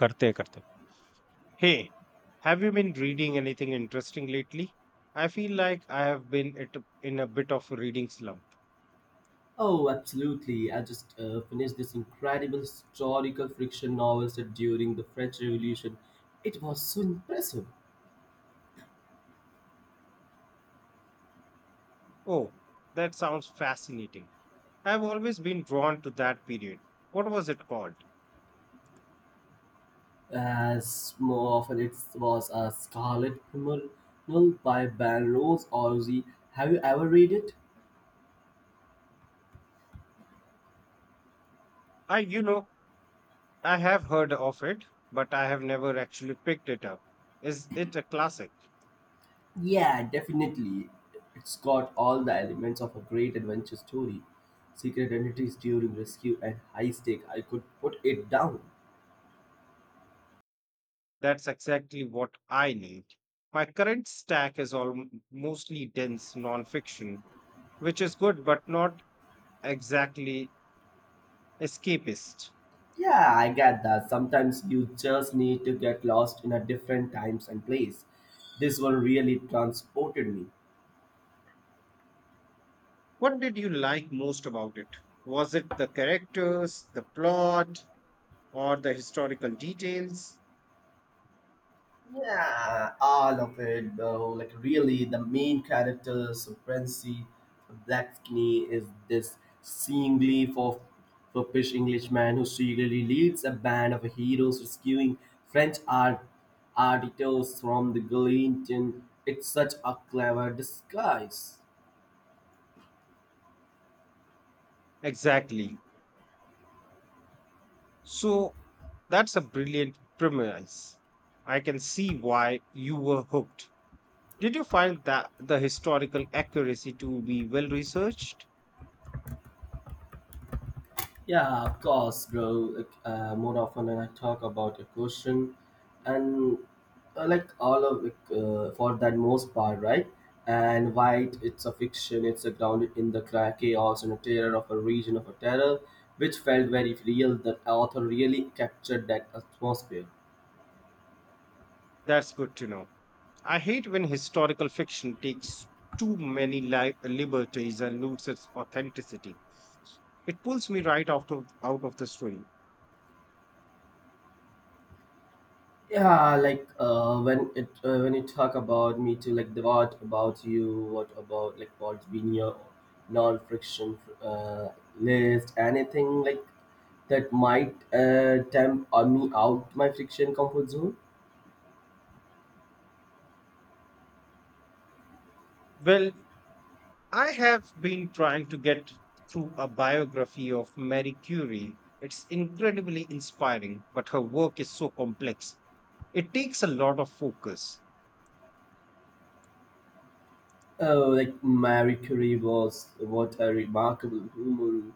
करते हैं hey, have you been reading anything interesting lately? I feel like I have in a bit of a reading slump. Oh, absolutely. I just finished this incredible historical fiction novel set during the French Revolution. It was so impressive. Oh, that sounds fascinating. I've always been drawn to that period. What was it called? As more often, it was a Scarlet Pimpernel by Balrose Orsi. Have you ever read it? I I have heard of it, but I have never actually picked it up. Is it a classic? Yeah, definitely. It's got all the elements of a great adventure story. Secret identities during rescue and high stake. I could put it down. That's exactly what I need. My current stack is all mostly dense nonfiction, which is good but not exactly escapist. Yeah, I get that. Sometimes you just need to get lost in a different times and place. This one really transported me. What did you like most about it? Was it the characters, the plot, or the historical details? Yeah, all of it, though. Like, really, the main character, Supremacy Blackney, is this seemingly for foppish Englishman who secretly leads a band of heroes rescuing French artists from the guillotine. It's such a clever disguise. Exactly. So that's a brilliant premise. I can see why you were hooked. Did you find that the historical accuracy to be well researched? Yeah, of course, bro. Like, more often when I talk about a question, and like all of it, for that most part, right? And white, it's a fiction. It's a grounded in the chaos and a terror of a region of a terror, which felt very real. The author really captured that atmosphere. That's good to know. I hate when historical fiction takes too many liberties and loses its authenticity. It pulls me right out of the story. Yeah, like when it when you talk about me too, like the what about you, what about like what's been your non-friction list, anything like that might tempt me out my friction comfort zone. Well, I have been trying to get through a biography of Marie Curie. It's incredibly inspiring, but her work is so complex. It takes a lot of focus. Oh, like Marie Curie was what a remarkable woman,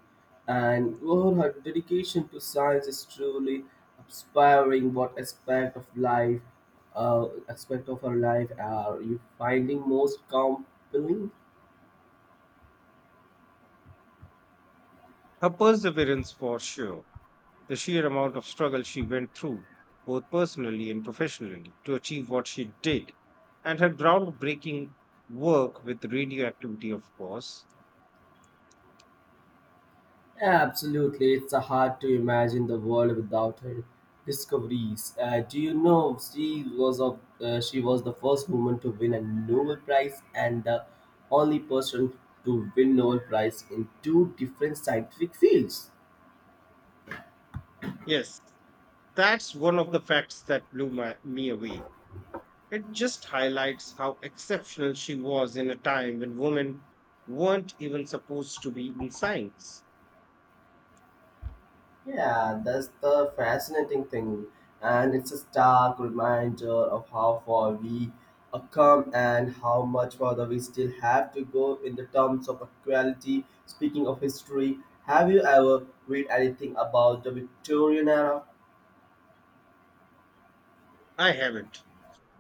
and oh, her dedication to science is truly inspiring. What aspect of life, aspect of her life, are you finding most compelling? Her perseverance, for sure, the sheer amount of struggle she went through, both personally and professionally, to achieve what she did, and her groundbreaking work with radioactivity, of course. Absolutely, it's hard to imagine the world without her discoveries. Do you know she was of she was the first woman to win a Nobel Prize and the only person to win Nobel Prize in two different scientific fields. Yes, that's one of the facts that blew me away. It just highlights how exceptional she was in a time when women weren't even supposed to be in science. Yeah, that's the fascinating thing. And it's a stark reminder of how far we have come and how much further we still have to go in the terms of equality. Speaking of history, have you ever read anything about the Victorian era? I haven't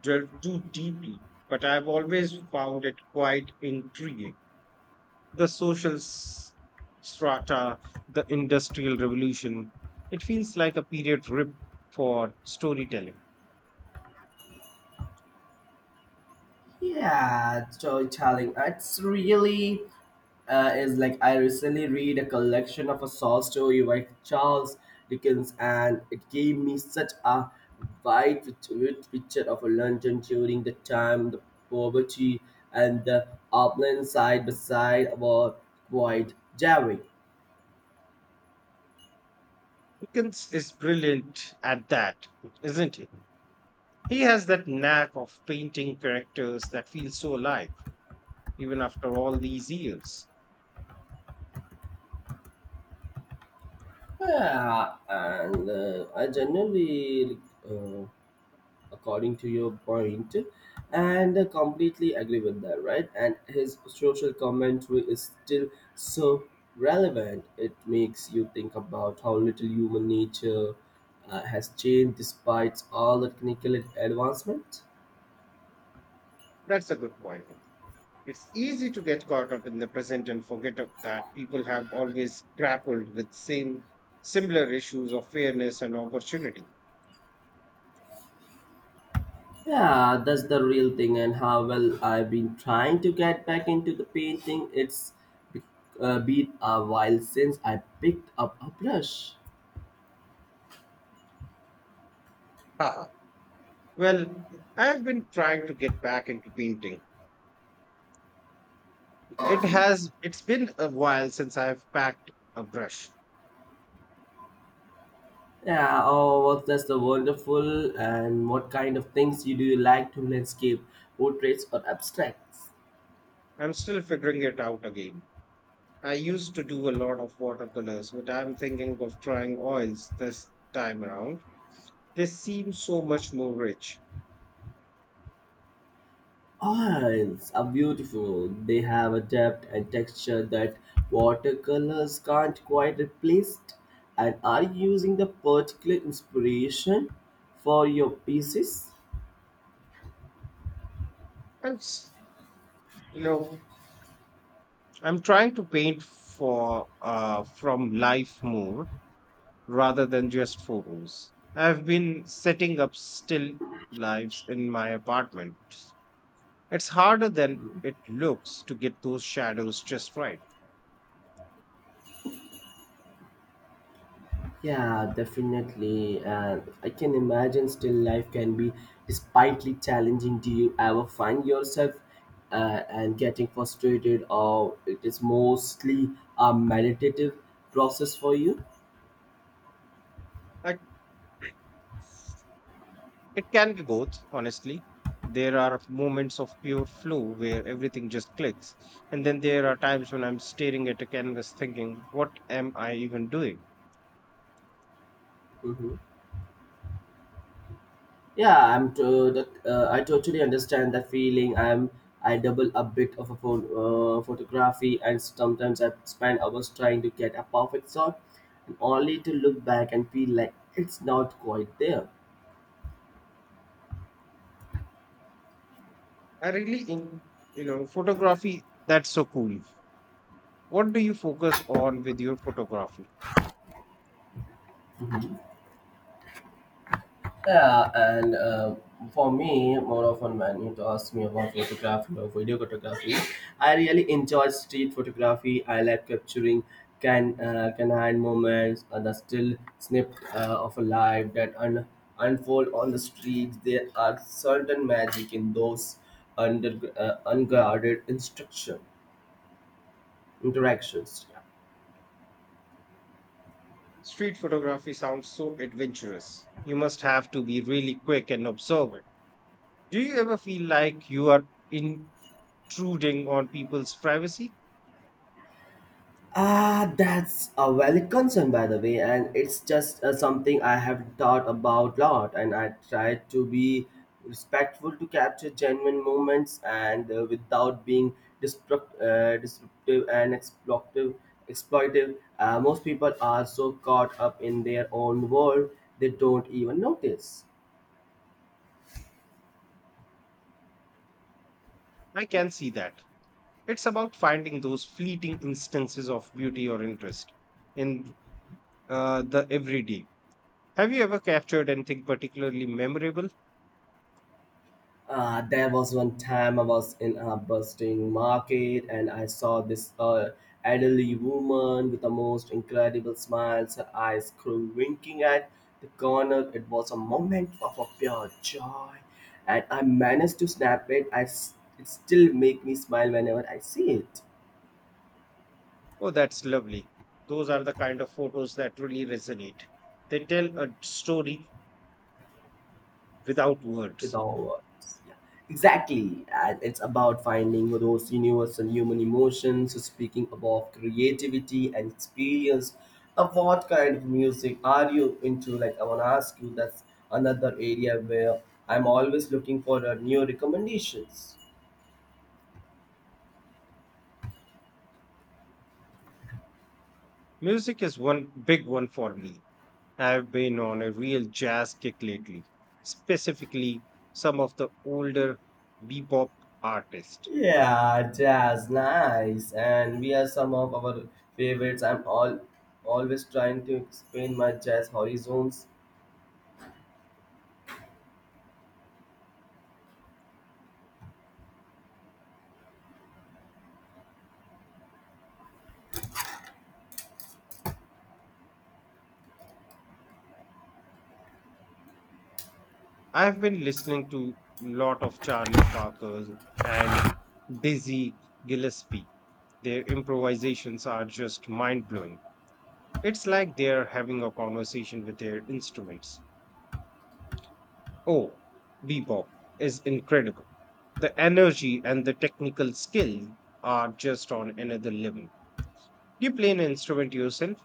delved too deeply, but I've always found it quite intriguing. The strata, the industrial revolution, it feels like a period rip for storytelling. Yeah, storytelling. It's really is like I recently read a collection of a short story by Charles Dickens, and it gave me such a wide, rich picture of London during the time, the poverty and the upland side by side were quite jarring. Dickens is brilliant at that, isn't he? He has that knack of painting characters that feel so alive even after all these years. Yeah, and I generally uh, according to your point, and I completely agree with that, right? And his social commentary is still so relevant. It makes you think about how little human nature has changed despite all the technical advancement. That's a good point. It's easy to get caught up in the present and forget of that people have always grappled with same similar issues of fairness and opportunity. Yeah, that's the real thing. And how well, I've been trying to get back into the painting. It's be- been a while since I picked up a brush. Haha. Well, I've been trying to get back into painting. It's been a while since I've packed a brush. Yeah, oh, what? That's the wonderful. And what kind of things you do, you like to landscape, portraits or abstracts? I'm still figuring it out again. I used to do a lot of watercolors, but I'm thinking of trying oils this time around. They seem so much more rich. Oils are beautiful. They have a depth and texture that watercolors can't quite replace. And are you using the particular inspiration for your pieces? And s- you know, I'm trying to paint for from life more rather than just photos. I've been setting up still lives in my apartment. It's harder than it looks to get those shadows just right. Yeah, definitely. And I can imagine still life can be despitely challenging. Do you ever find yourself and getting frustrated, or it is mostly a meditative process for you? I It can be both, honestly. There are moments of pure flow where everything just clicks. And then there are times when I'm staring at a canvas thinking, what am I even doing? Hmm. Yeah, I totally understand that feeling. I double a bit of a phone, photography, and sometimes I spend hours trying to get a perfect shot, and only to look back and feel like it's not quite there. I really, photography, that's so cool. What do you focus on with your photography? Yeah, and for me, more often when you ask me about photography or video photography, I really enjoy street photography. I like capturing canine moments and the still snippet of a life that unfold on the streets. There are certain magic in those under unguarded instruction interactions. Street photography sounds so adventurous. You must have to be really quick and observant. Do you ever feel like you are intruding on people's privacy? Ah, that's a valid concern, by the way, and it's just something I have thought about lot, and I try to be respectful to capture genuine moments and without being disruptive and exploitive. Most people are so caught up in their own world they don't even notice. I can see that. It's about finding those fleeting instances of beauty or interest in the everyday. Have you ever captured anything particularly memorable? There was one time I was in a bustling market and I saw this elderly woman with the most incredible smiles, her eyes grew winking at the corner. It was a moment of a pure joy and I managed to snap it. It still make me smile whenever I see it. Oh, that's lovely. Those are the kind of photos that really resonate. They tell a story without With words. our words. Yeah. Exactly. And it's about finding those universal human emotions, so speaking about creativity and experience. Of what kind of music are you into? Like, I want to ask you, that's another area where I'm always looking for new recommendations. Music is one big one for me. I've been on a real jazz kick lately, specifically some of the older bebop artists. Yeah, jazz, nice. And we are some of our favorites. I'm all always trying to expand my jazz horizons. I've been listening to a lot of Charlie Parker and Dizzy Gillespie. Their improvisations are just mind blowing. It's like they're having a conversation with their instruments. Oh, bebop is incredible. The energy and the technical skill are just on another level. Do you play an instrument yourself,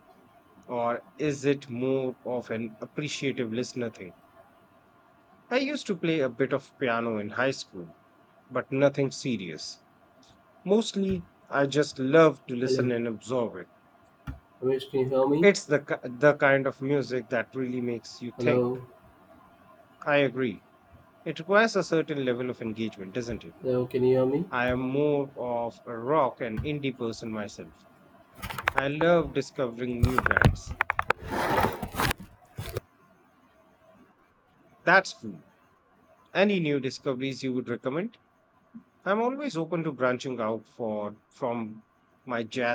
or is it more of an appreciative listener thing? I used to play a bit of piano in high school, but nothing serious. Mostly, I just love to listen Hello, and absorb it. Ramesh, can you hear me? It's the kind of music that really makes you think. Hello, I agree. It requires a certain level of engagement, doesn't it? hello, can you hear I me? am more of a rock and indie person myself. I love discovering new brands. That's true. Any new discoveries you would recommend? I'm always open to branching out for from my jazz